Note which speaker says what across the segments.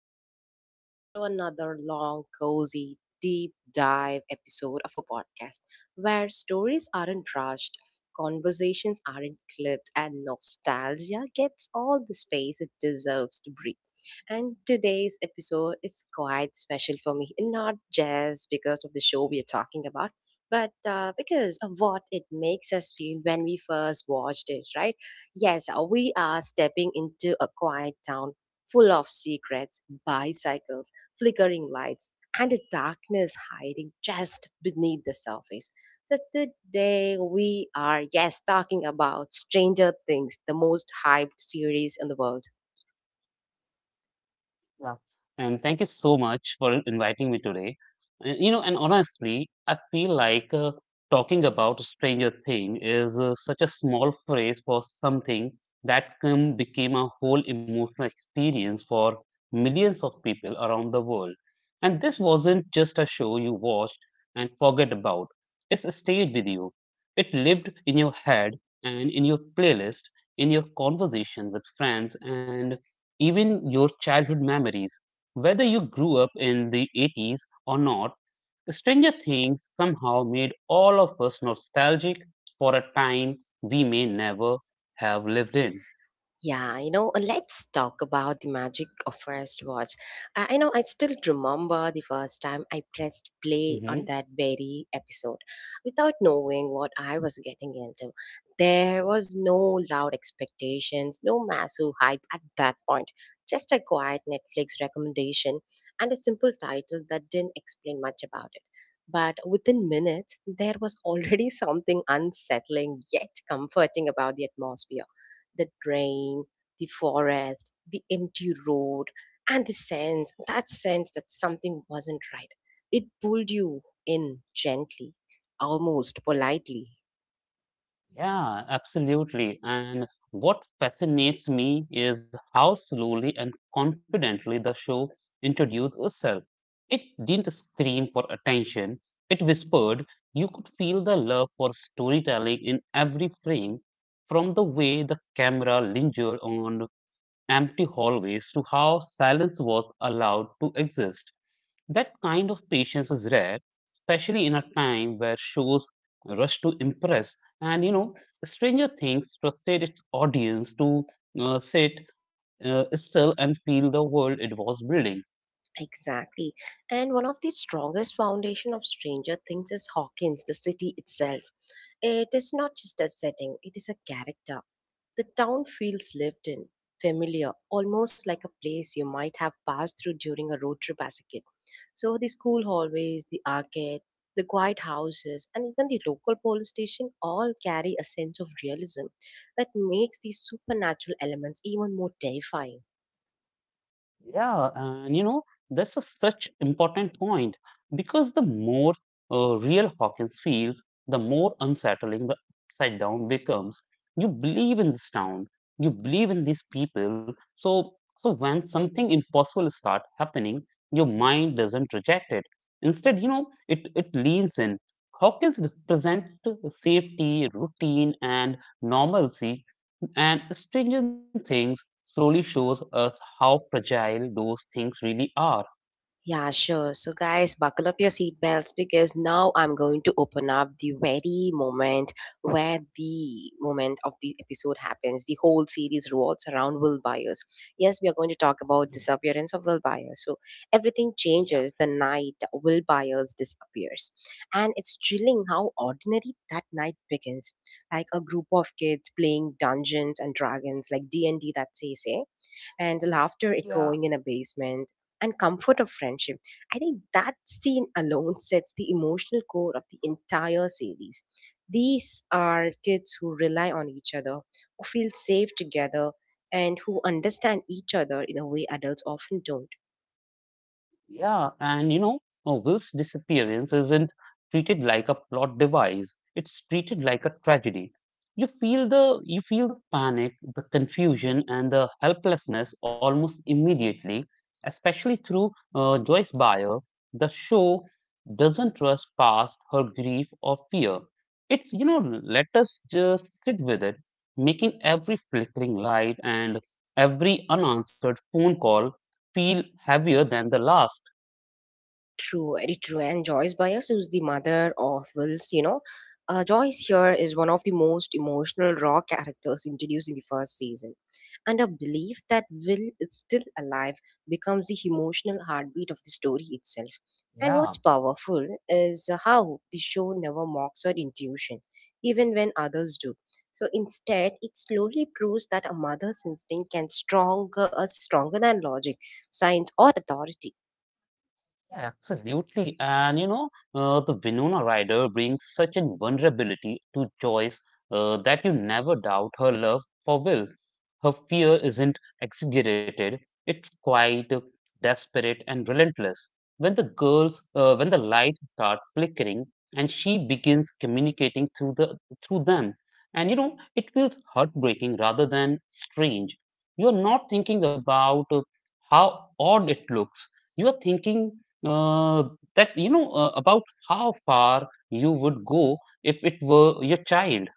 Speaker 1: back everyone to another long, cozy, deep dive episode of a podcast where stories aren't rushed, conversations aren't clipped, and nostalgia gets all the space it deserves to breathe. And today's episode is quite special for me, not just because of the show we are talking about, but because of what it makes us feel when we first watched it, right? Yes, we are stepping into a quiet town full of secrets, bicycles, flickering lights, and a darkness hiding just beneath the surface. So today we are, yes, talking about Stranger Things, the most hyped series in the world.
Speaker 2: Yeah. And thank you so much for inviting me today. And honestly, I feel like talking about Stranger Thing is such a small phrase for something that became a whole emotional experience for millions of people around the world. And this wasn't just a show you watched and forget about. It stayed with you. It lived in your head and in your playlist, in your conversation with friends and even your childhood memories, whether you grew up in the 80s or not, Stranger Things somehow made all of us nostalgic for a time we may never have lived in.
Speaker 1: Yeah, you know, let's talk about the magic of first watch. I know I still remember the first time I pressed play on
Speaker 2: Mhm.
Speaker 1: that very episode without knowing what I was getting into. There was no loud expectations, no massive hype at that point, just a quiet Netflix recommendation and a simple title that didn't explain much about it. But within minutes, there was already something unsettling yet comforting about the atmosphere, the drain, the forest, the empty road, and the sense that something wasn't right. It pulled you in gently, almost politely.
Speaker 2: Yeah, absolutely. And what fascinates me is how slowly and confidently the show introduced itself. It didn't scream for attention, it whispered. You could feel the love for storytelling in every frame, from the way the camera lingered on empty hallways to how silence was allowed to exist. That kind of patience is rare, especially in a time where shows rush to impress. And you know, Stranger Things trusted its audience to sit still and feel the world it was building.
Speaker 1: Exactly. And one of the strongest foundation of Stranger Things is Hawkins, the city itself. It is not just a setting, it is a character. The town feels lived in, familiar, almost like a place you might have passed through during a road trip as a kid. So the school hallways, the arcade, the quiet houses, and even the local police station all carry a sense of realism that makes these supernatural elements even more terrifying.
Speaker 2: Yeah, and you know, that's a such important point because the more real Hawkins feels, the more unsettling the upside down becomes. You believe in this town, you believe in these people, so when something impossible start happening, your mind doesn't reject it. Instead, you know, it leans in. Hawkins represent safety, routine, and normalcy, and stringent things slowly shows us how fragile those things really are.
Speaker 1: Yeah, sure. So, guys, buckle up your seatbelts because now I'm going to open up the very moment where the moment of the episode happens. The whole series revolves around Will Byers. Yes, we are going to talk about disappearance of Will Byers. So, everything
Speaker 2: Yeah.
Speaker 1: changes the night Will Byers disappears, and it's chilling how ordinary that night begins. Like a group of kids playing Dungeons and Dragons, like D and D, that say and laughter
Speaker 2: Yeah.
Speaker 1: echoing in a basement and comfort of friendship. I think that scene alone sets the emotional core of the entire series. These are kids who rely on each other, who feel safe together, and who understand each other in a way adults often don't.
Speaker 2: Yeah, and you know, Will's disappearance isn't treated like a plot device. It's treated like a tragedy. You feel the panic, the confusion, and the helplessness almost immediately, especially through Joyce Bayer. The show doesn't trust past her grief or fear. It's you know, let us just sit with it, making every flickering light and every unanswered phone call feel heavier than the last.
Speaker 1: True, very true. And Joyce Byers, who's the mother of Wills, you know, Joyce here is one of the most emotional raw characters introduced in the first season. And her belief that Will is still alive becomes the emotional heartbeat of the story itself. And what's
Speaker 2: Yeah.
Speaker 1: powerful is how the show never mocks her intuition, even when others do. So instead, it slowly proves that a mother's instinct can stronger than logic, science, or authority.
Speaker 2: Yeah, absolutely. And you know, the Winona Ryder brings such an vulnerability to Joyce that you never doubt her love for Will. Her fear isn't exaggerated, it's quite desperate and relentless. When the lights start flickering and she begins communicating through them, and you know, it feels heartbreaking rather than strange. You're not thinking about how odd it looks. You are thinking uh, that you know about how far you would go if it were your child.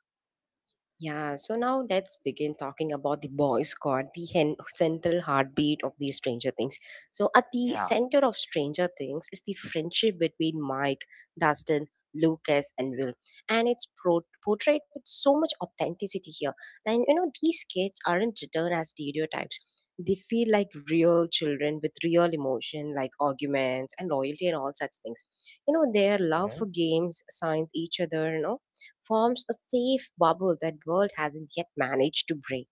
Speaker 1: Yeah, so now let's begin talking about the boy squad, the central heartbeat of the Stranger Things. So, at the
Speaker 2: Yeah.
Speaker 1: center of Stranger Things is the friendship between Mike, Dustin, Lucas, and Will, and it's portrayed with so much authenticity here. And you know, these kids aren't written as stereotypes. They feel like real children with real emotion, like arguments and loyalty and all such things. You know, their love for games signs each other, you know, forms a safe bubble that world hasn't yet managed to break.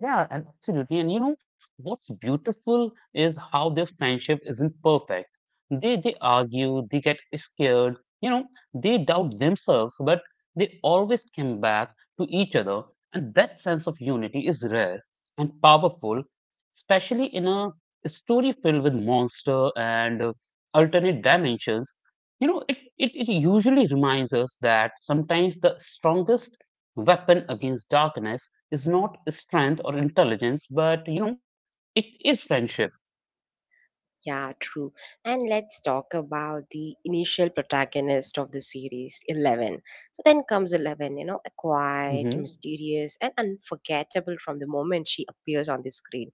Speaker 2: Yeah, and absolutely. And you know what's beautiful is how their friendship isn't perfect. They argue, they get scared, you know, they doubt themselves, but they always come back to each other, and that sense of unity is rare and powerful, especially in a story filled with monster and alternate dimensions. You know, it usually reminds us that sometimes the strongest weapon against darkness is not strength or intelligence, but you know, it is friendship.
Speaker 1: Yeah, true. And let's talk about the initial protagonist of the series, Eleven. So then comes Eleven, you know, a quiet,
Speaker 2: Hmm.
Speaker 1: mysterious, and unforgettable from the moment she appears on the screen.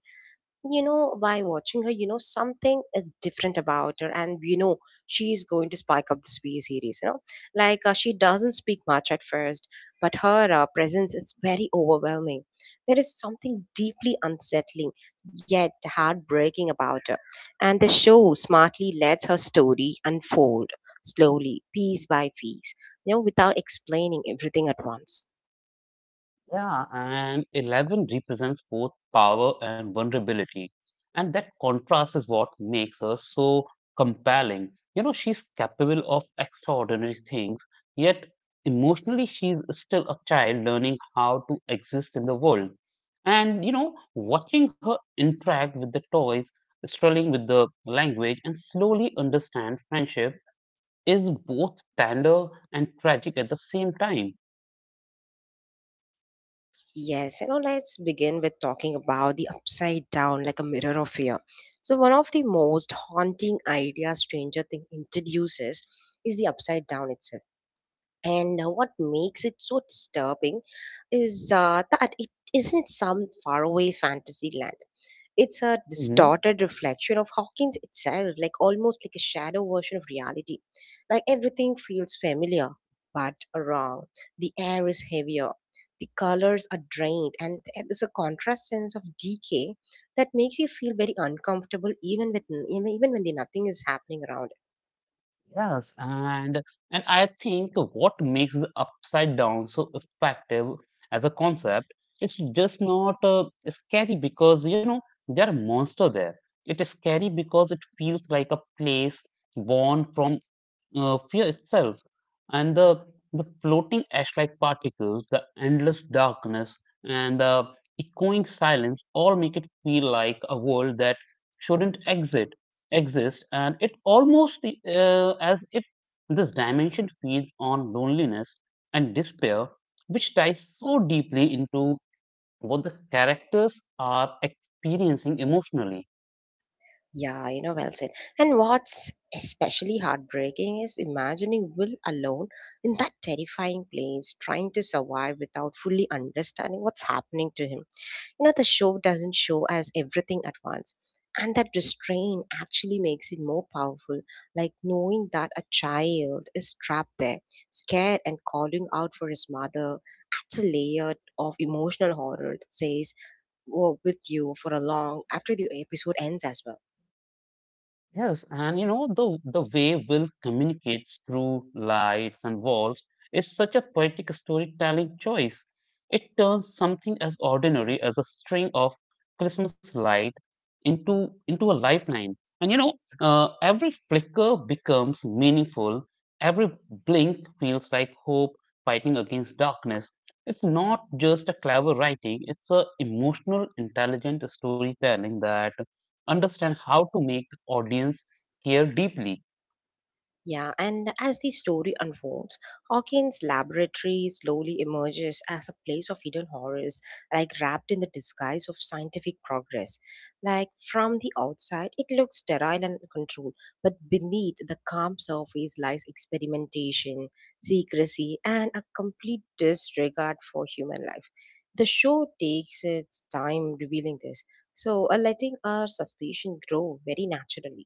Speaker 1: You know, by watching her, you know, something is different about her, and you know, she's going to spike up this V series. You know, like she doesn't speak much at first, but her presence is very overwhelming. There is something deeply unsettling yet heartbreaking about her, and the show smartly lets her story unfold slowly, piece by piece, you know, without explaining everything at once.
Speaker 2: Yeah, and Eleven represents both power and vulnerability. And that contrast is what makes her so compelling. You know, she's capable of extraordinary things, yet emotionally, she's still a child learning how to exist in the world. And, you know, watching her interact with the toys, struggling with the language, and slowly understand friendship is both tender and tragic at the same time.
Speaker 1: Yes, you know, let's begin with talking about the upside down like a mirror of fear. So, one of the most haunting ideas Stranger Things introduces is the upside down itself. And what makes it so disturbing is that it isn't some faraway fantasy land. It's a
Speaker 2: Mhm.
Speaker 1: distorted reflection of Hawkins itself, like almost like a shadow version of reality. Like everything feels familiar, but wrong. The air is heavier, the colors are drained, and there is a contrast sense of decay that makes you feel very uncomfortable, even when the nothing is happening around.
Speaker 2: Yes, and I think what makes the upside down so effective as a concept, it's just not scary because you know there are monster there. It is scary because it feels like a place born from fear itself and the floating ash-like particles, the endless darkness, and the echoing silence all make it feel like a world that shouldn't exit exist, and it almost as if this dimension feeds on loneliness and despair, which ties so deeply into what the characters are experiencing emotionally.
Speaker 1: Yeah, you know, well said. And what's especially heartbreaking is imagining Will alone in that terrifying place, trying to survive without fully understanding what's happening to him. You know, the show doesn't show us everything at once. And that restraint actually makes it more powerful, like knowing that a child is trapped there, scared and calling out for his mother. Adds a layer of emotional horror that says, "We're with you for a long after the episode ends as well."
Speaker 2: Yes, and you know, the way Will communicates through lights and walls is such a poetic storytelling choice. It turns something as ordinary as a string of Christmas light into a lifeline. And you know, every flicker becomes meaningful. Every blink feels like hope fighting against darkness. It's not just a clever writing, it's a emotional, intelligent storytelling that understand how to make the audience care deeply.
Speaker 1: Yeah, and as the story unfolds, Hawkins' laboratory slowly emerges as a place of hidden horrors, like wrapped in the disguise of scientific progress. Like from the outside, it looks sterile and controlled, but beneath the calm surface lies experimentation, secrecy, and a complete disregard for human life. The show takes its time revealing this, so letting our suspicion grow very naturally.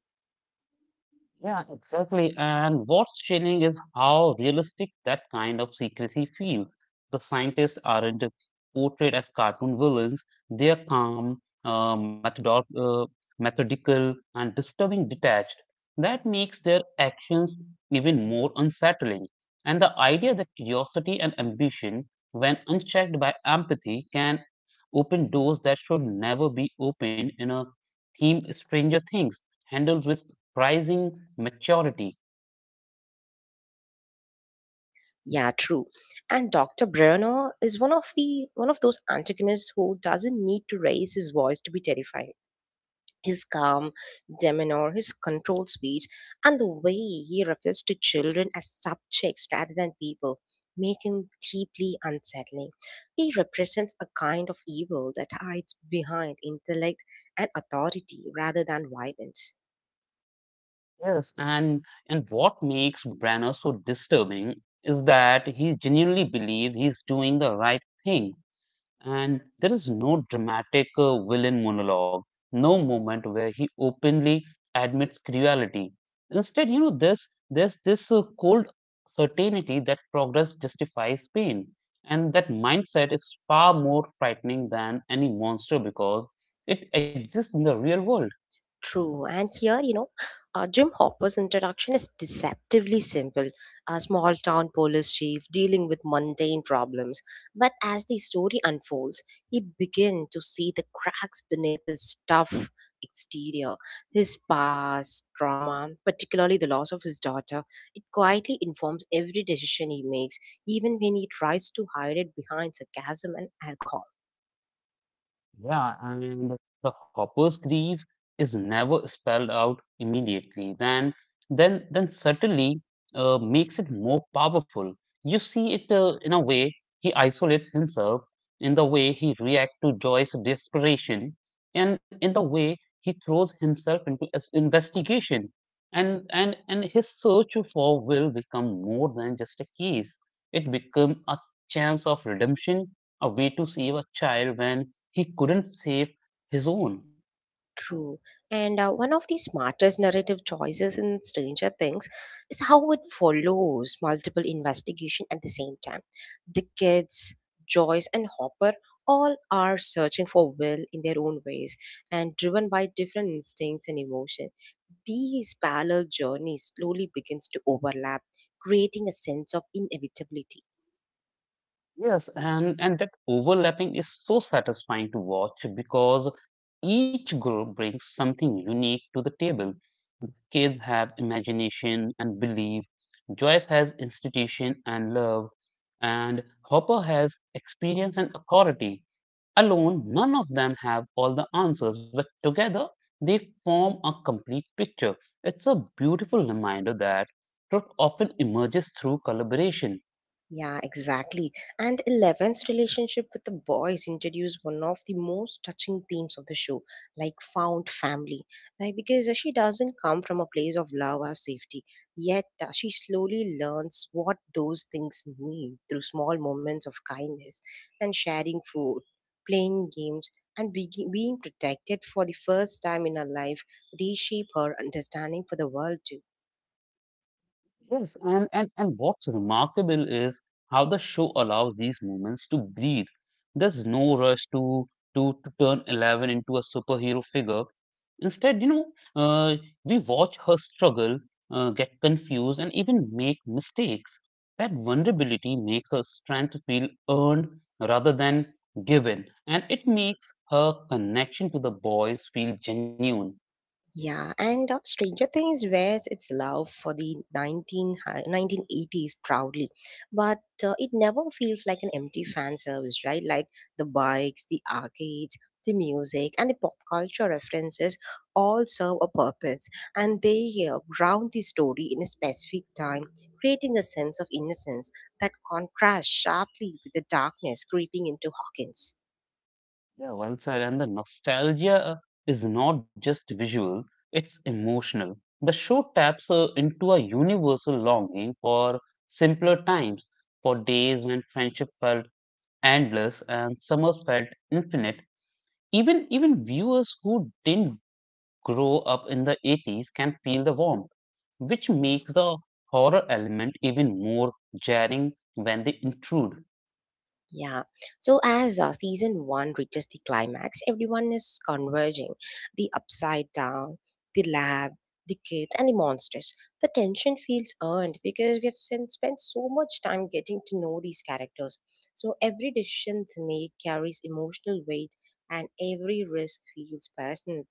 Speaker 2: Yeah, exactly. And what's chilling is how realistic that kind of secrecy feels. The scientists aren't portrayed as cartoon villains. They are calm, methodical, and disturbing detached. That makes their actions even more unsettling. And the idea that curiosity and ambition, when unchecked by empathy, can open doors that should never be opened in a theme Stranger Things handles with rising maturity.
Speaker 1: Yeah, true. And Dr. Brenner is one of those antagonists who doesn't need to raise his voice to be terrifying. His calm demeanor, his controlled speech, and the way he refers to children as subjects rather than people make him deeply unsettling. He represents a kind of evil that hides behind intellect and authority rather than violence.
Speaker 2: Yes, and what makes Branagh so disturbing is that he genuinely believes he's doing the right thing, and there is no dramatic villain monologue, no moment where he openly admits cruelty. Instead, you know, there's this cold certainty that progress justifies pain, and that mindset is far more frightening than any monster because it exists in the real world.
Speaker 1: True. And here, you know, Jim Hopper's introduction is deceptively simple. A small town police chief dealing with mundane problems. But as the story unfolds, he begins to see the cracks beneath his tough exterior, his past trauma, particularly the loss of his daughter. It quietly informs every decision he makes, even when he tries to hide it behind sarcasm and alcohol.
Speaker 2: Yeah, and the hopper's grief is never spelled out immediately. Then subtly makes it more powerful. You see it in a way he isolates himself, in the way he reacts to Joy's desperation, and in the way he throws himself into investigation. And his search for will become more than just a case. It become a chance of redemption, a way to save a child when he couldn't save his own.
Speaker 1: True. And one of the smartest narrative choices in Stranger Things is how it follows multiple investigation at the same time. The kids, Joyce, and Hopper all are searching for Will in their own ways and driven by different instincts and emotions. These parallel journeys slowly begins to overlap, creating a sense of inevitability.
Speaker 2: Yes, and that overlapping is so satisfying to watch because each group brings something unique to the table. Kids have imagination and belief, Joyce has institution and love, and Hopper has experience and authority. Alone, none of them have all the answers, but together they form a complete picture. It's a beautiful reminder that truth often emerges through collaboration.
Speaker 1: Yeah, exactly. And Eleven's relationship with the boys introduced one of the most touching themes of the show, like found family. Like because she doesn't come from a place of love or safety, yet she slowly learns what those things mean through small moments of kindness and sharing food, playing games, and being protected for the first time in her life reshape her understanding for the world too.
Speaker 2: Yes, and what's remarkable is how the show allows these moments to breathe. There's no rush to turn Eleven into a superhero figure. Instead, you know, uh, we watch her struggle, get confused, and even make mistakes. That vulnerability makes her strength feel earned rather than given, and it makes her connection to the boys feel genuine.
Speaker 1: Yeah, and Stranger Things wears its love for the 1980s proudly, but it never feels like an empty fan service, right? Like the bikes, the arcades, the music, and the pop culture references all serve a purpose, and they ground the story in a specific time, creating a sense of innocence that contrasts sharply with the darkness creeping into Hawkins.
Speaker 2: Yeah, well said. And the nostalgia is not just visual, it's emotional. The show taps into a universal longing for simpler times, for days when friendship felt endless and summers felt infinite. Even viewers who didn't grow up in the 80s can feel the warmth, which makes the horror element even more jarring when they intrude.
Speaker 1: Yeah. So as season one reaches the climax, everyone is converging. The upside down, the lab, the kids, and the monsters. The tension feels earned because we have spent so much time getting to know these characters. So every decision they make carries emotional weight, and every risk feels personal.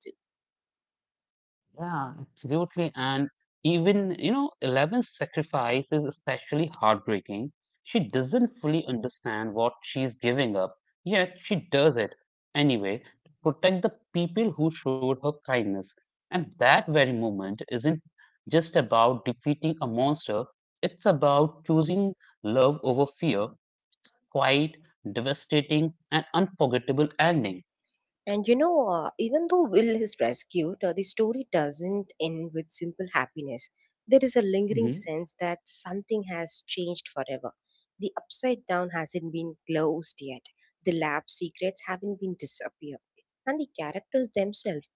Speaker 2: Yeah, absolutely. And even, you know, Eleven's sacrifice is especially heartbreaking. She doesn't fully understand what she's giving up, yet she does it anyway to protect the people who showed her kindness. And that very moment isn't just about defeating a monster, it's about choosing love over fear, quite devastating and unforgettable ending.
Speaker 1: And you know, even though Will is rescued, the story doesn't end with simple happiness. There is a lingering sense that something has changed forever. The upside down hasn't been closed yet. The lab secrets haven't been disappeared. And the characters themselves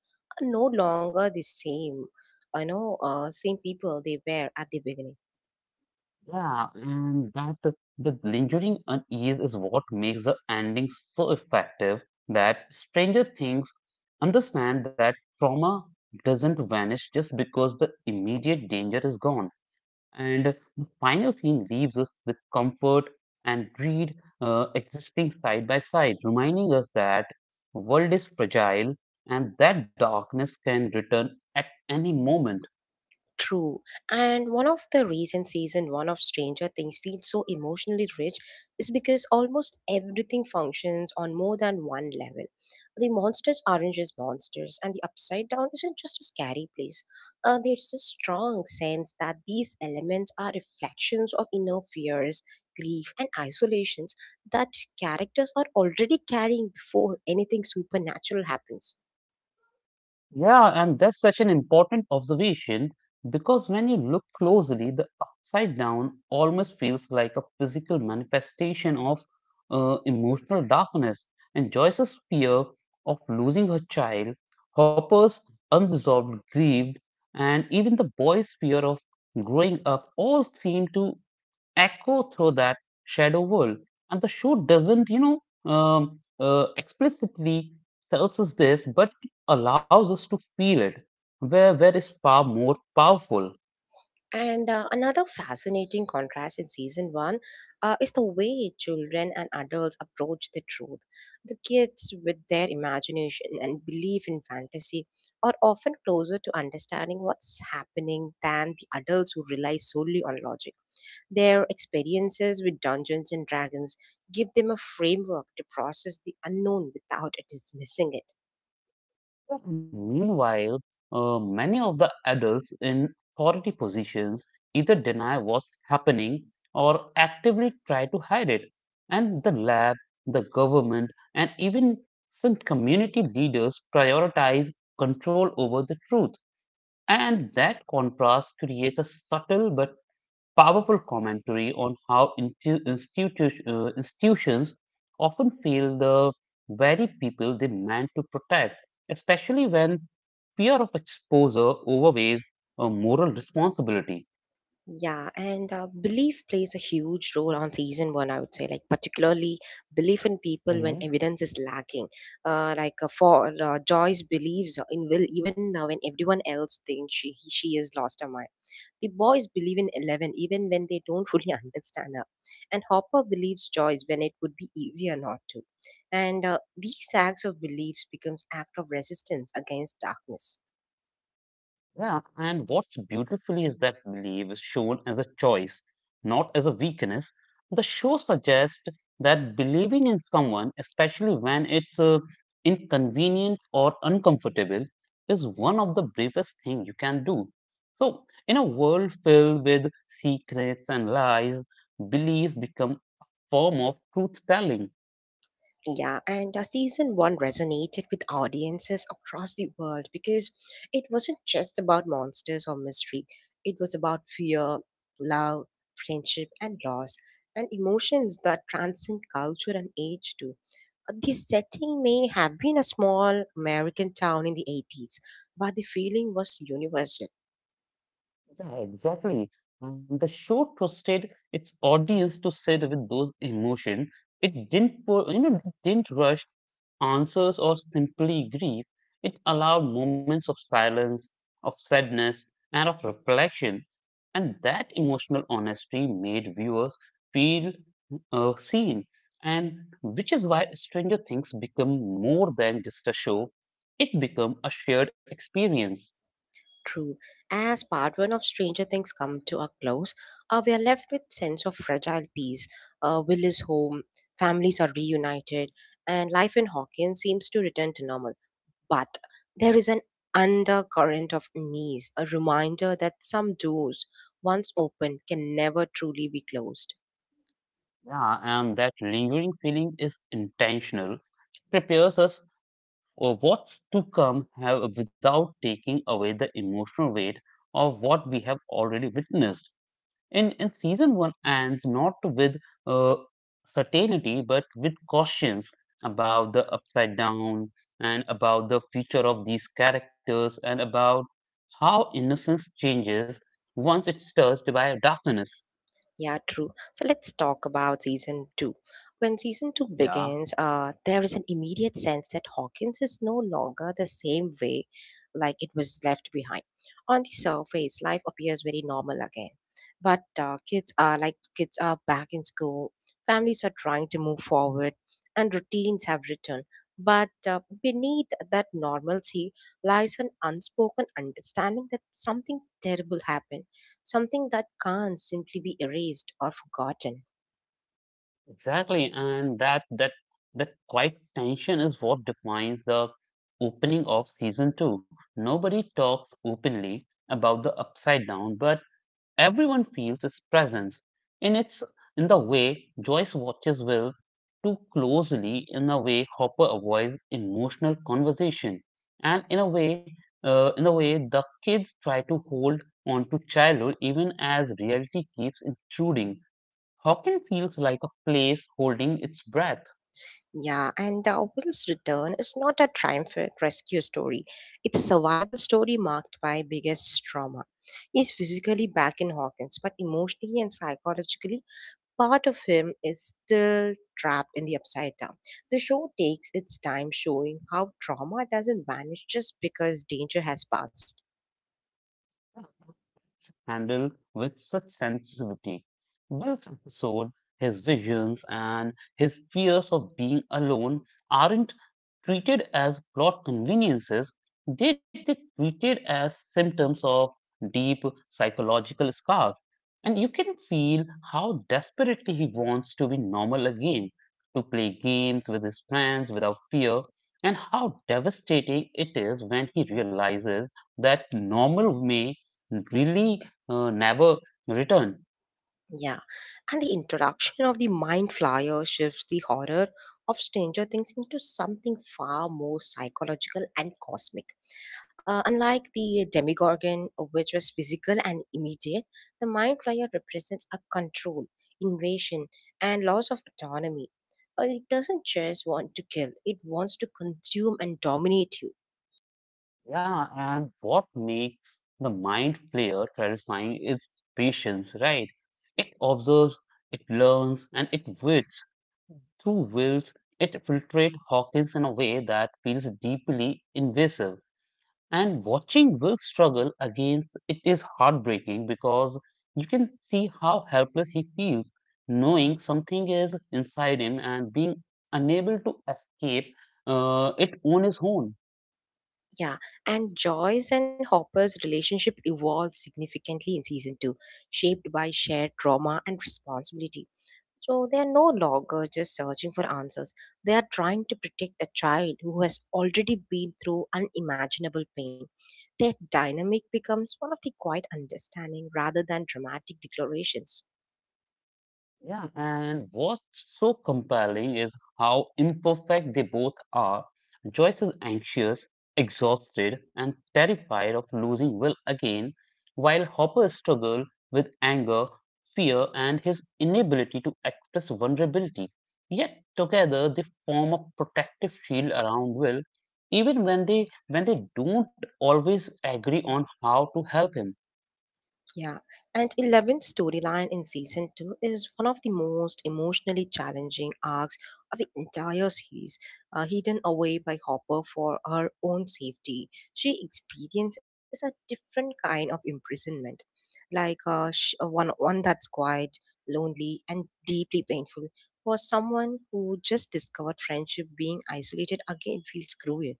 Speaker 1: are no longer the same people they were at the beginning.
Speaker 2: Yeah, and that the lingering unease is what makes the ending so effective that Stranger Things understand that trauma doesn't vanish just because the immediate danger is gone. And the final scene leaves us with comfort and greed existing side by side, reminding us that world is fragile and that darkness can return at any moment.
Speaker 1: True. And one of the recent season one of Stranger Things feels so emotionally rich is because almost everything functions on more than one level. The monsters aren't just monsters, and the upside down isn't just a scary place. There's a strong sense that these elements are reflections of inner fears, grief, and isolations that characters are already carrying before anything supernatural happens.
Speaker 2: Yeah, and that's such an important observation because when you look closely, the upside down almost feels like a physical manifestation of emotional darkness. And Joyce's fear of losing her child, Hopper's unresolved grief, and even the boy's fear of growing up all seem to echo through that shadow world. And the show doesn't, explicitly tells us this, but it allows us to feel it, where is far more powerful.
Speaker 1: And another fascinating contrast in season one is the way children and adults approach the truth. The kids, with their imagination and belief in fantasy, are often closer to understanding what's happening than the adults who rely solely on logic. Their experiences with Dungeons and Dragons give them a framework to process the unknown without dismissing it.
Speaker 2: Meanwhile, many of the adults in authority positions either deny what's happening or actively try to hide it. And the lab, the government, and even some community leaders prioritize control over the truth. And that contrast creates a subtle but powerful commentary on how institutions often fail the very people they meant to protect, especially when fear of exposure overweighs moral responsibility.
Speaker 1: Yeah, and belief plays a huge role on season one, I would say, like particularly belief in people when evidence is lacking. For Joyce believes in Will even when everyone else thinks she is lost her mind. The boys believe in Eleven even when they don't fully understand her, and Hopper believes Joyce when it would be easier not to. And These acts of beliefs becomes act of resistance against darkness.
Speaker 2: Yeah, and what's beautifully is that belief is shown as a choice, not as a weakness. The show suggests that believing in someone, especially when it's inconvenient or uncomfortable, is one of the bravest things you can do. So, in a world filled with secrets and lies, belief becomes a form of truth telling.
Speaker 1: Yeah, and season one resonated with audiences across the world because it wasn't just about monsters or mystery. It was about fear, love, friendship, and loss, and emotions that transcend culture and age too. The setting may have been a small American town in the 80s, but the feeling was universal.
Speaker 2: Yeah, exactly. The show trusted its audience to sit with those emotions. It didn't, pu- you know, didn't rush answers or simply grief. It allowed moments of silence, of sadness, and of reflection. And that emotional honesty made viewers feel seen. And which is why Stranger Things become more than just a show. It became a shared experience.
Speaker 1: True. As part one of Stranger Things come to a close, we are left with sense of fragile peace. Will is home, families are reunited, and life in Hawkins seems to return to normal. But there is an undercurrent of unease, a reminder that some doors, once open, can never truly be closed.
Speaker 2: Yeah, and that lingering feeling is intentional. It prepares us for what's to come have without taking away the emotional weight of what we have already witnessed. And season one ends not with uh, certainty, but with cautions about the upside down and about the future of these characters and about how innocence changes once it's touched by darkness.
Speaker 1: Yeah, true. So let's talk about season two. When season two
Speaker 2: Yeah.
Speaker 1: begins, there is an immediate sense that Hawkins is no longer the same way like it was left behind. On the surface, life appears very normal again. But kids are back in school, families are trying to move forward, and routines have returned. But beneath that normalcy lies an unspoken understanding that something terrible happened, something that can't simply be erased or forgotten.
Speaker 2: Exactly, and that quiet tension is what defines the opening of season two. Nobody talks openly about the upside down, but everyone feels its presence. In its in the way Joyce watches Will too closely, in the way Hopper avoids emotional conversation, and in a way the kids try to hold on to childhood even as reality keeps intruding. Hockey feels like a place holding its breath.
Speaker 1: Yeah, and Will's return is not a triumphant rescue story. It's a survival story marked by biggest trauma. He's physically back in Hawkins, but emotionally and psychologically, part of him is still trapped in the upside down. The show takes its time showing how trauma doesn't vanish just because danger has passed.
Speaker 2: Handled with such sensitivity. This episode, his visions and his fears of being alone aren't treated as plot conveniences, they get treated as symptoms of deep psychological scars. And you can feel how desperately he wants to be normal again, to play games with his friends without fear, and how devastating it is when he realizes that normal may really never return.
Speaker 1: Yeah, and the introduction of the Mind Flyer shifts the horror of Stranger Things into something far more psychological and cosmic. Unlike the Demigorgon, which was physical and immediate, the Mind Flyer represents a control, invasion, and loss of autonomy. It doesn't just want to kill, it wants to consume and dominate you.
Speaker 2: Yeah, and what makes the mind player terrifying is patience, right? It observes, it learns, and it wills. Through wills, it filtrates Hawkins in a way that feels deeply invasive. And watching Will struggle against it is heartbreaking because you can see how helpless he feels, knowing something is inside him and being unable to escape it on his own.
Speaker 1: Yeah, and Joyce and Hopper's relationship evolved significantly in season two, shaped by shared trauma and responsibility. So they are no longer just searching for answers. They are trying to protect a child who has already been through unimaginable pain. Their dynamic becomes one of the quiet understanding rather than dramatic declarations.
Speaker 2: Yeah, and what's so compelling is how imperfect they both are. Joyce is anxious, exhausted, and terrified of losing Will again, while Hopper struggles with anger, fear, and his inability to express vulnerability. Yet together they form a protective shield around Will, even when they don't always agree on how to help him.
Speaker 1: Yeah, and 11th storyline in season 2 is one of the most emotionally challenging arcs of the entire series. Hidden away by Hopper for her own safety, she experiences a different kind of imprisonment, one that's quiet, lonely, and deeply painful. For someone who just discovered friendship, being isolated again feels cruel.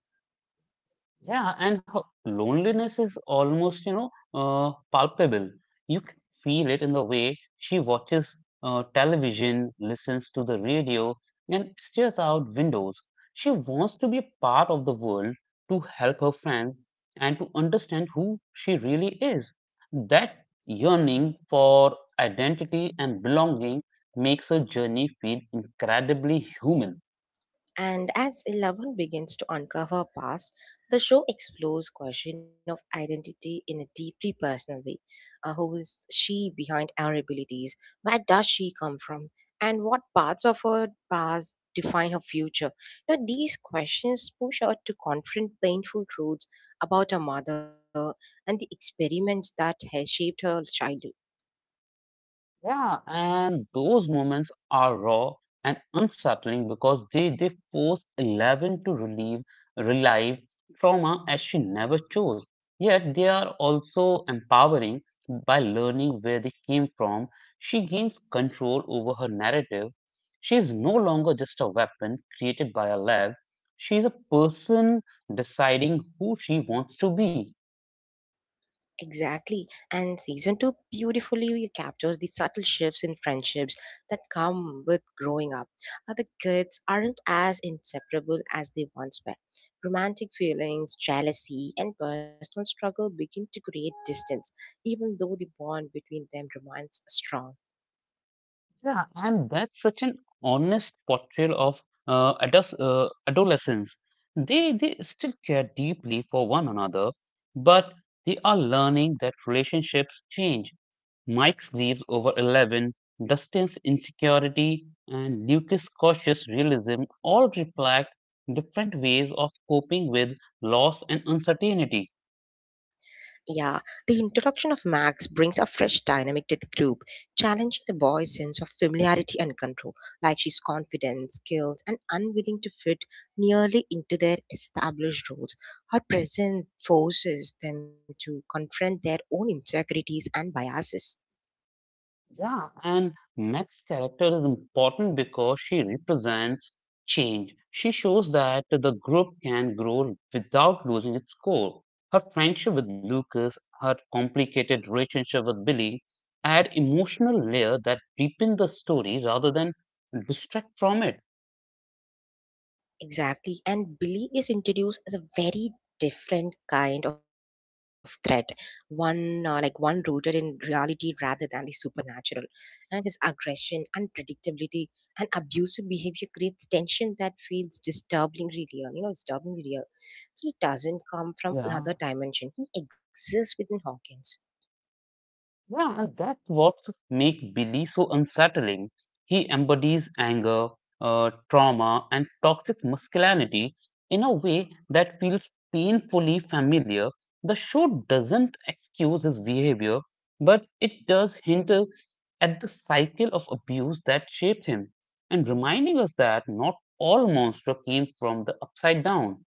Speaker 2: Yeah, and loneliness is almost, you know, palpable. You can feel it in the way she watches television, listens to the radio, and stares out windows. She wants to be a part of the world to help her friends and to understand who she really is. That yearning for identity and belonging makes her journey feel incredibly human.
Speaker 1: And as Eleven begins to uncover her past, the show explores question of identity in a deeply personal way. Who is she behind her abilities? Where does she come from? And what parts of her past define her future? Now, these questions push her to confront painful truths about her mother and the experiments that has shaped her childhood.
Speaker 2: Yeah, and those moments are raw and unsettling because they force Eleven to relive trauma as she never chose. Yet they are also empowering by learning where they came from. She gains control over her narrative. She is no longer just a weapon created by a lab. She is a person deciding who she wants to be.
Speaker 1: Exactly. And season two beautifully captures the subtle shifts in friendships that come with growing up. Other kids aren't as inseparable as they once were. Romantic feelings, jealousy, and personal struggle begin to create distance, even though the bond between them remains strong.
Speaker 2: Yeah, and that's such an honest portrayal of adolescence. They still care deeply for one another, but they are learning that relationships change. Mike's leaves over 11, Dustin's insecurity, and Lucas' cautious realism all reflect different ways of coping with loss and uncertainty.
Speaker 1: Yeah, the introduction of Max brings a fresh dynamic to the group, challenging the boy's sense of familiarity and control. Like she's confident, skilled, and unwilling to fit nearly into their established roles. Her presence forces them to confront their own insecurities and biases.
Speaker 2: Yeah, and Meg's character is important because she represents change. She shows that the group can grow without losing its core. Her friendship with Lucas, her complicated relationship with Billy add emotional layer that deepen the story rather than distract from it.
Speaker 1: Exactly. And Billy is introduced as a very different kind of threat, one rooted in reality rather than the supernatural. And his aggression, unpredictability, and abusive behavior creates tension that feels disturbingly real. You know, disturbingly real. He doesn't come from
Speaker 2: Yeah.
Speaker 1: another dimension. He exists within Hawkins.
Speaker 2: Yeah, and that's what make Billy so unsettling. He embodies anger, trauma, and toxic masculinity in a way that feels painfully familiar. The show doesn't excuse his behavior, but it does hint at the cycle of abuse that shaped him, and reminding us that not all monsters came from the upside down.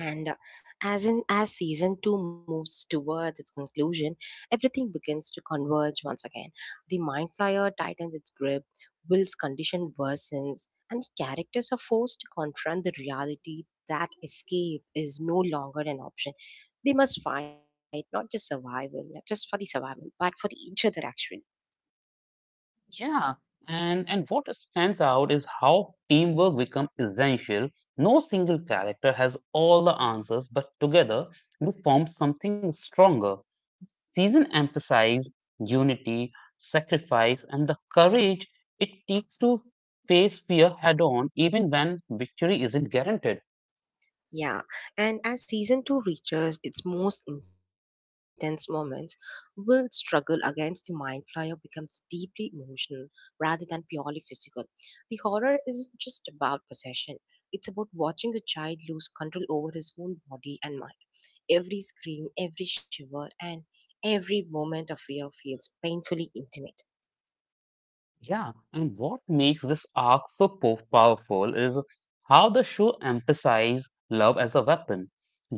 Speaker 1: And as in as season 2 moves towards its conclusion, everything begins to converge once again. The mind flyer tightens its grip, Will's condition worsens, and the characters are forced to confront the reality that escape is no longer an option. They must fight not just for the survival, but for each other actually.
Speaker 2: Yeah, and what stands out is how teamwork becomes essential. No single character has all the answers, but together they form something stronger. Season emphasizes unity, sacrifice, and the courage it takes to face fear head on, even when victory isn't guaranteed.
Speaker 1: Yeah, and as season 2 reaches its most intense moments, Will's struggle against the Mind Flyer becomes deeply emotional rather than purely physical. The horror isn't just about possession, it's about watching a child lose control over his own body and mind. Every scream, every shiver, and every moment of fear feels painfully intimate.
Speaker 2: Yeah, and what makes this arc so powerful is how the show emphasizes love as a weapon.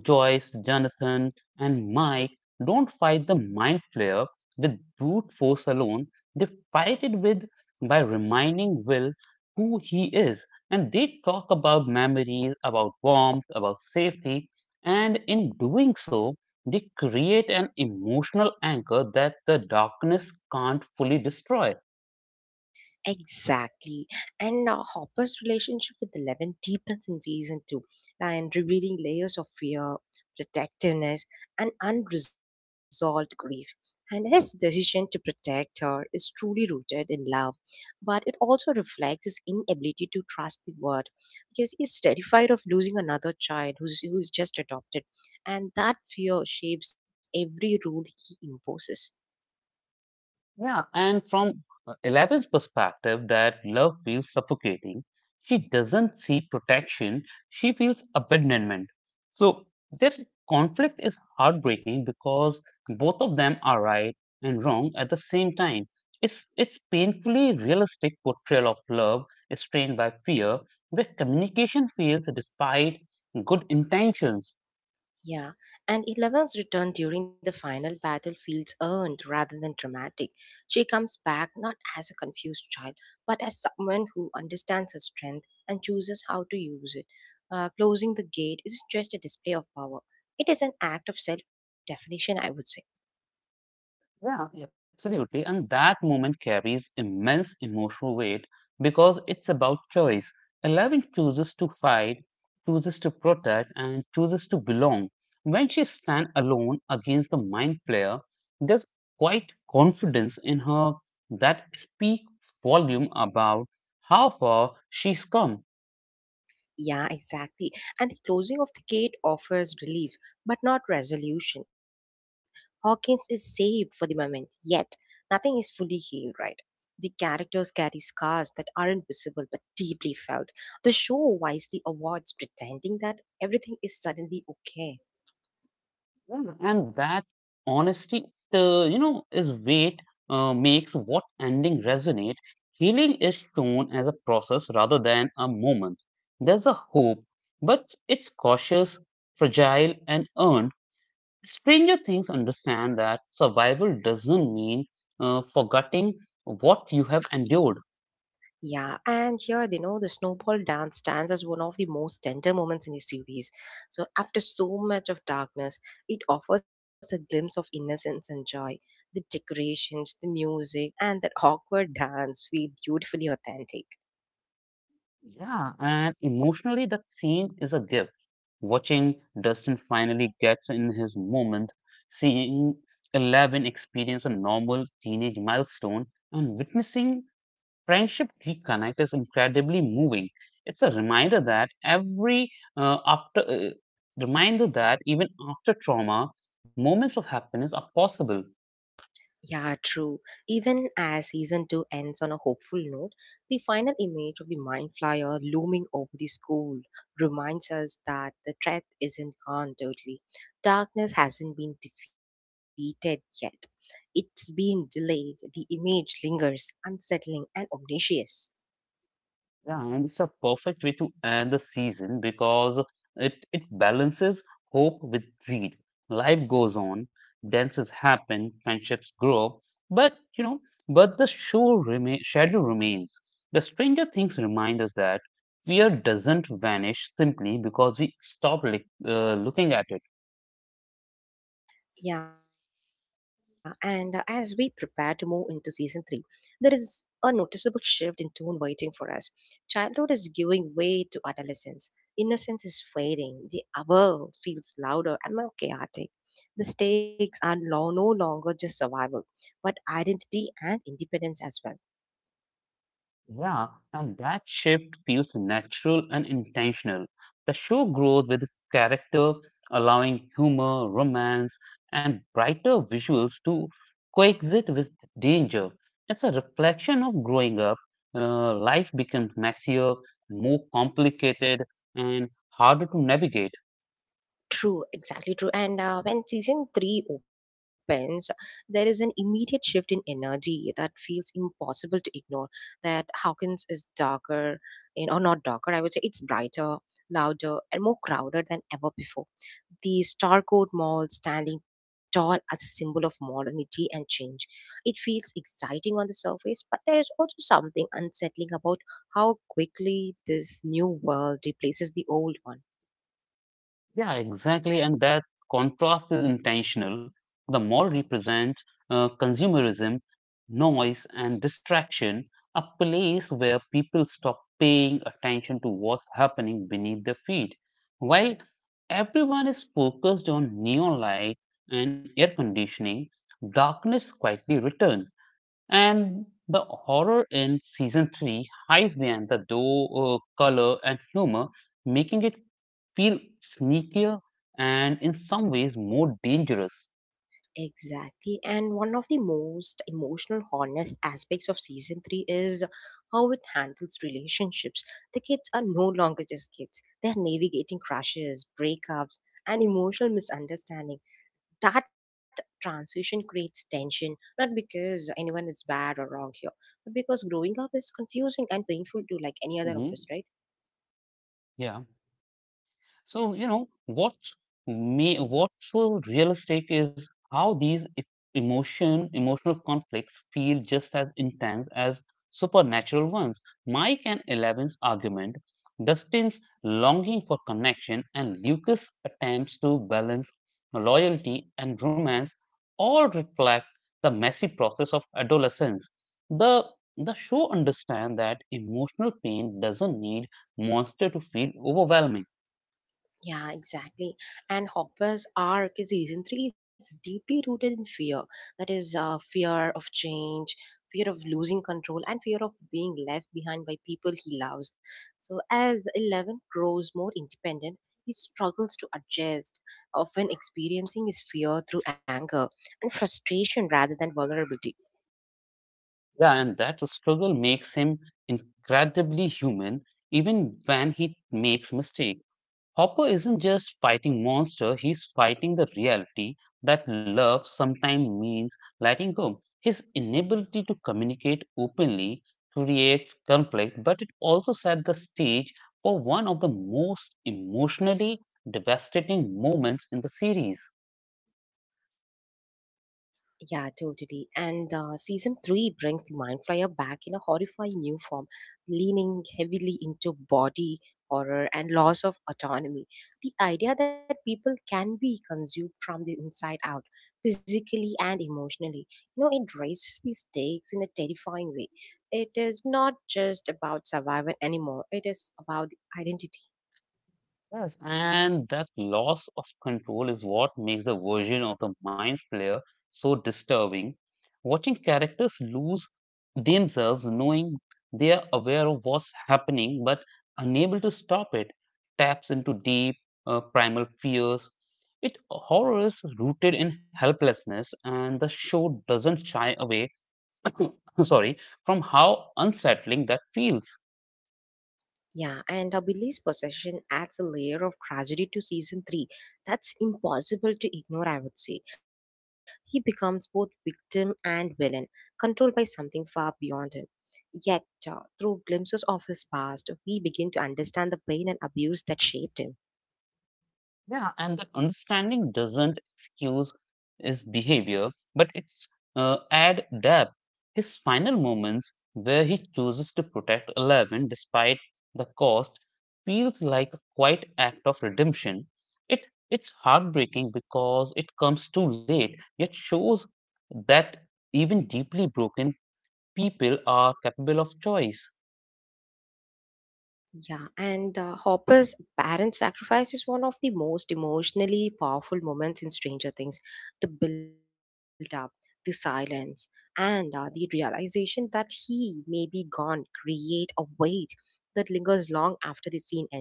Speaker 2: Joyce, Jonathan, and Mike don't fight the mind flayer with brute force alone. They fight it with by reminding Will who he is, and they talk about memories, about warmth, about safety, and in doing so, they create an emotional anchor that the darkness can't fully destroy.
Speaker 1: Exactly. And Hopper's relationship with Eleven deepens in season two, and revealing layers of fear, protectiveness, and unresolved grief. And his decision to protect her is truly rooted in love, but it also reflects his inability to trust the world because he's terrified of losing another child who's just adopted, and that fear shapes every rule he imposes.
Speaker 2: Yeah, and from Eleven's perspective, that love feels suffocating. She doesn't see protection, she feels abandonment. So, this conflict is heartbreaking because both of them are right and wrong at the same time. It's painfully realistic portrayal of love strained by fear, where communication fails despite good intentions.
Speaker 1: Yeah, and Eleven's return during the final battle feels earned rather than dramatic. She comes back not as a confused child, but as someone who understands her strength and chooses how to use it. Closing the gate isn't just a display of power, it is an act of self definition, I would say.
Speaker 2: Yeah, absolutely. And that moment carries immense emotional weight because it's about choice. Eleven chooses to fight, chooses to protect, and chooses to belong. When she stands alone against the mind flayer, there's quite confidence in her that speaks volume about how far she's come.
Speaker 1: Yeah, exactly. And the closing of the gate offers relief, but not resolution. Hawkins is saved for the moment, yet nothing is fully healed, right? The characters carry scars that aren't visible but deeply felt. The show wisely avoids pretending that everything is suddenly okay.
Speaker 2: Yeah, and that honesty, is weight makes what ending resonate. Healing is shown as a process rather than a moment. There's a hope, but it's cautious, fragile, and earned. Stranger Things understand that survival doesn't mean forgetting what you have endured.
Speaker 1: Yeah, and here, you know, the snowball dance stands as one of the most tender moments in the series. So, after so much of darkness, it offers a glimpse of innocence and joy. The decorations, the music, and that awkward dance feel beautifully authentic.
Speaker 2: Yeah, and emotionally, that scene is a gift. Watching Dustin finally gets in his moment, seeing 11 experience a normal teenage milestone and witnessing friendship reconnect is incredibly moving. It's a uh, after uh, reminder that even after trauma moments of happiness are possible.
Speaker 1: Yeah, true. Even as season two ends on a hopeful note, the final image of the Mind Flyer looming over the school reminds us that the threat isn't gone totally. Darkness hasn't been defeated yet. It's being delayed. The image lingers, unsettling and omniscient.
Speaker 2: Yeah, and it's a perfect way to end the season because it balances hope with greed. Life goes on, dances happen, friendships grow, but you know, but the shadow remains. The Stranger Things remind us that fear doesn't vanish simply because we stop looking at it.
Speaker 1: Yeah, and as we prepare to move into season three, there is a noticeable shift in tone waiting for us. Childhood is giving way to adolescence. Innocence is fading. The hour feels louder and more chaotic. The stakes are no longer just survival, but identity and independence as well.
Speaker 2: Yeah, and that shift feels natural and intentional. The show grows with its character, allowing humor, romance, and brighter visuals to coexist with danger. It's a reflection of growing up. Life becomes messier, more complicated, and harder to navigate.
Speaker 1: True, exactly true. And when season three opens, there is an immediate shift in energy that feels impossible to ignore. That Hawkins is darker, you know, or not darker, I would say it's brighter, louder, and more crowded than ever before. The Starcourt Mall standing tall as a symbol of modernity and change. It feels exciting on the surface, but there is also something unsettling about how quickly this new world replaces the old one.
Speaker 2: Yeah, exactly. And that contrast is intentional. The mall represents consumerism, noise, and distraction, a place where people stop paying attention to what's happening beneath their feet. While everyone is focused on neon light and air conditioning, darkness quietly returns. And the horror in season 3 hides behind the door, color, and humor, making it feel sneakier and in some ways more dangerous.
Speaker 1: Exactly. And one of the most emotional, honest aspects of season three is how it handles relationships. The kids are no longer just kids, they're navigating crushes, breakups, and emotional misunderstanding. That transition creates tension, not because anyone is bad or wrong here, but because growing up is confusing and painful to like any other of
Speaker 2: Hmm.
Speaker 1: us, right?
Speaker 2: Yeah. So, you know, what's so realistic is how these emotional conflicts feel just as intense as supernatural ones. Mike and Eleven's argument, Dustin's longing for connection, and Lucas' attempts to balance loyalty and romance all reflect the messy process of adolescence. The the show understands that emotional pain doesn't need monster to feel overwhelming.
Speaker 1: Yeah, exactly. And Hopper's arc in season three is deeply rooted in fear. That is, fear of change, fear of losing control, and fear of being left behind by people he loves. So, as Eleven grows more independent, he struggles to adjust, often experiencing his fear through anger and frustration rather than vulnerability.
Speaker 2: Yeah, and that struggle makes him incredibly human, even when he makes mistakes. Hopper isn't just fighting monster, he's fighting the reality that love sometimes means letting go. His inability to communicate openly creates conflict, but it also set the stage for one of the most emotionally devastating moments in the series.
Speaker 1: Yeah, totally. And season three brings the mind flyer back in a horrifying new form, leaning heavily into body horror and loss of autonomy. The idea that people can be consumed from the inside out, physically and emotionally, you know, it raises the stakes in a terrifying way. It is not just about survival anymore, it is about the identity.
Speaker 2: Yes, and that loss of control is what makes the version of the mind flayer so disturbing. Watching characters lose themselves, knowing they are aware of what's happening but unable to stop it, taps into deep primal fears. It horror is rooted in helplessness, and the show doesn't shy away, sorry, from how unsettling that feels.
Speaker 1: Yeah, and Abilis' possession adds a layer of tragedy to season 3 that's impossible to ignore, I would say. He becomes both victim and villain, controlled by something far beyond him. Yet, through glimpses of his past, we begin to understand the pain and abuse that shaped him.
Speaker 2: Yeah, and that understanding doesn't excuse his behavior, but it's add depth. His final moments, where he chooses to protect Eleven despite the cost, feels like a quiet act of redemption. It's heartbreaking because it comes too late, yet shows that even deeply broken people are capable of choice.
Speaker 1: Yeah, and Hopper's parent sacrifice is one of the most emotionally powerful moments in Stranger Things. The build up, the silence, and the realization that he may be gone create a weight that lingers long after the scene ends.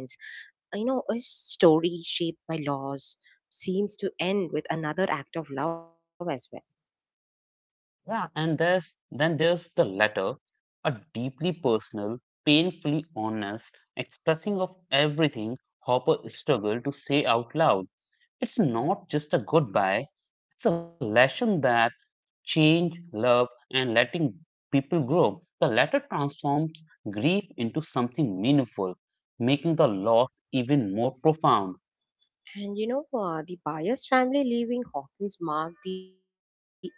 Speaker 1: You know, a story shaped by loss seems to end with another act of love as well.
Speaker 2: Yeah, and there's the letter, a deeply personal, painfully honest expressing of everything Hopper struggled to say out loud. It's not just a goodbye, it's a lesson that change, love, and letting people grow. The letter transforms grief into something meaningful, making the loss even more profound.
Speaker 1: And you know, the Byers family leaving Hawkins marked the end of an era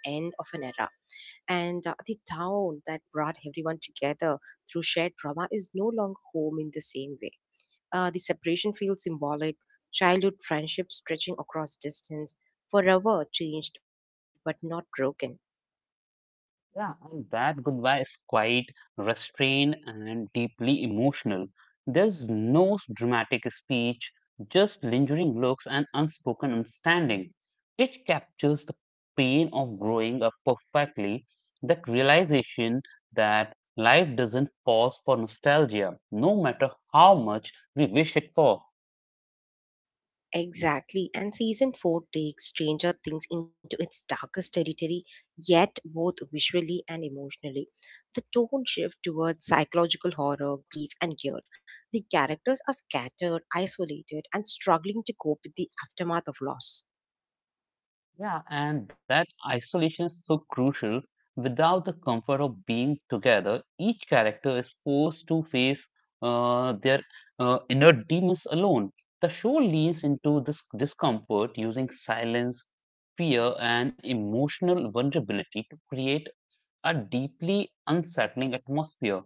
Speaker 1: and the town that brought everyone together through shared drama is no longer home in the same way. The separation feels symbolic, childhood friendships stretching across distance, forever changed but not broken.
Speaker 2: Yeah, and that goodbye is quite restrained and deeply emotional. There's no dramatic speech, just lingering looks and unspoken understanding. It captures the pain of growing up perfectly, that realization that life doesn't pause for nostalgia, no matter how much we wish it for.
Speaker 1: Exactly, and season 4 takes Stranger Things into its darkest territory, yet both visually and emotionally. The tone shifts towards psychological horror, grief, and guilt. The characters are scattered, isolated, and struggling to cope with the aftermath of loss.
Speaker 2: Yeah, and that isolation is so crucial. Without the comfort of being together, each character is forced to face their inner demons alone. The show leans into this discomfort using silence, fear, and emotional vulnerability to create a deeply unsettling atmosphere.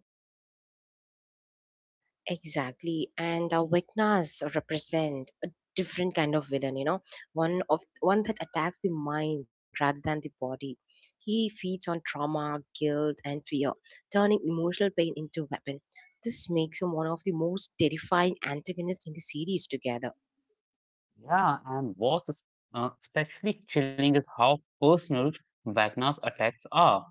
Speaker 1: Exactly, and our Viknas represent a different kind of villain. You know, one that attacks the mind rather than the body. He feeds on trauma, guilt, and fear, turning emotional pain into weapon. This makes him one of the most terrifying antagonists in the series. Together,
Speaker 2: Yeah, and what's especially chilling is how personal Wagner's attacks are.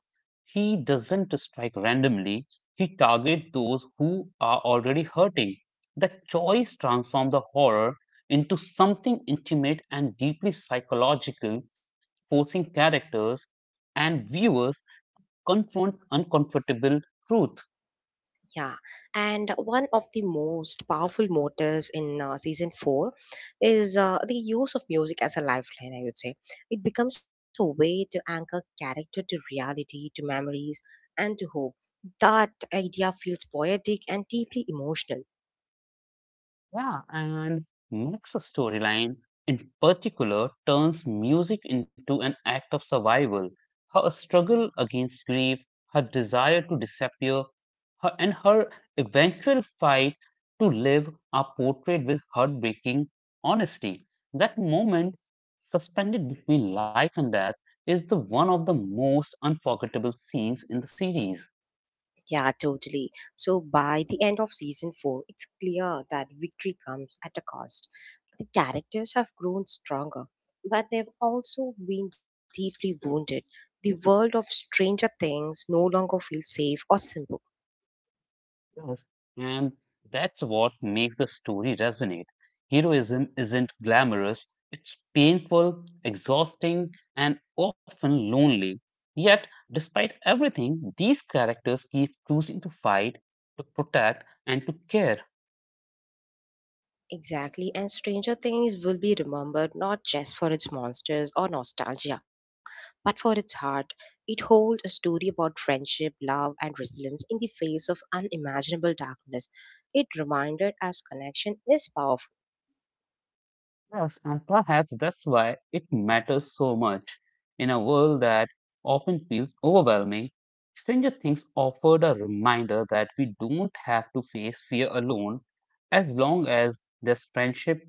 Speaker 2: He doesn't strike randomly, he targets those who are already hurting. The choice transforms the horror into something intimate and deeply psychological, forcing characters and viewers confront uncomfortable truth.
Speaker 1: yeah, and one of the most powerful motives in season four is the use of music as a lifeline, I would say. It becomes a way to anchor character to reality, to memories, and to hope. That idea feels poetic and deeply emotional.
Speaker 2: Yeah, and Max's storyline in particular turns music into an act of survival. Her struggle against grief, her desire to disappear, her eventual fight to live are portrayed with heartbreaking honesty. That moment, suspended between life and death, is the one of the most unforgettable scenes in the series.
Speaker 1: Yeah, totally. So by the end of season 4, it's clear that victory comes at a cost. The characters have grown stronger, but they've also been deeply wounded. The world of Stranger Things no longer feels safe or simple.
Speaker 2: Yes. And that's what makes the story resonate. Heroism isn't glamorous, it's painful, exhausting, and often lonely. Yet, despite everything, these characters keep choosing to fight, to protect, and to care.
Speaker 1: Exactly, and Stranger Things will be remembered not just for its monsters or nostalgia, but for its heart. It holds a story about friendship, love, and resilience in the face of unimaginable darkness. It reminded us connection is powerful.
Speaker 2: Yes, and perhaps that's why it matters so much in a world that often feels overwhelming. Stranger Things offered a reminder that we don't have to face fear alone as long as this friendship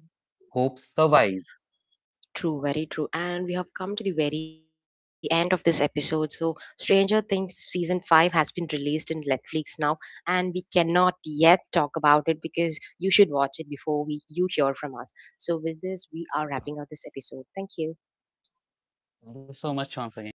Speaker 2: hope survives.
Speaker 1: True, very true. And we have come to the very end of this episode. So, Stranger Things season 5 has been released in Netflix now, and we cannot yet talk about it because you should watch it before we you hear from us. So, with this, we are
Speaker 2: So,
Speaker 1: wrapping up this episode. Thank you.
Speaker 2: thank you so much once again.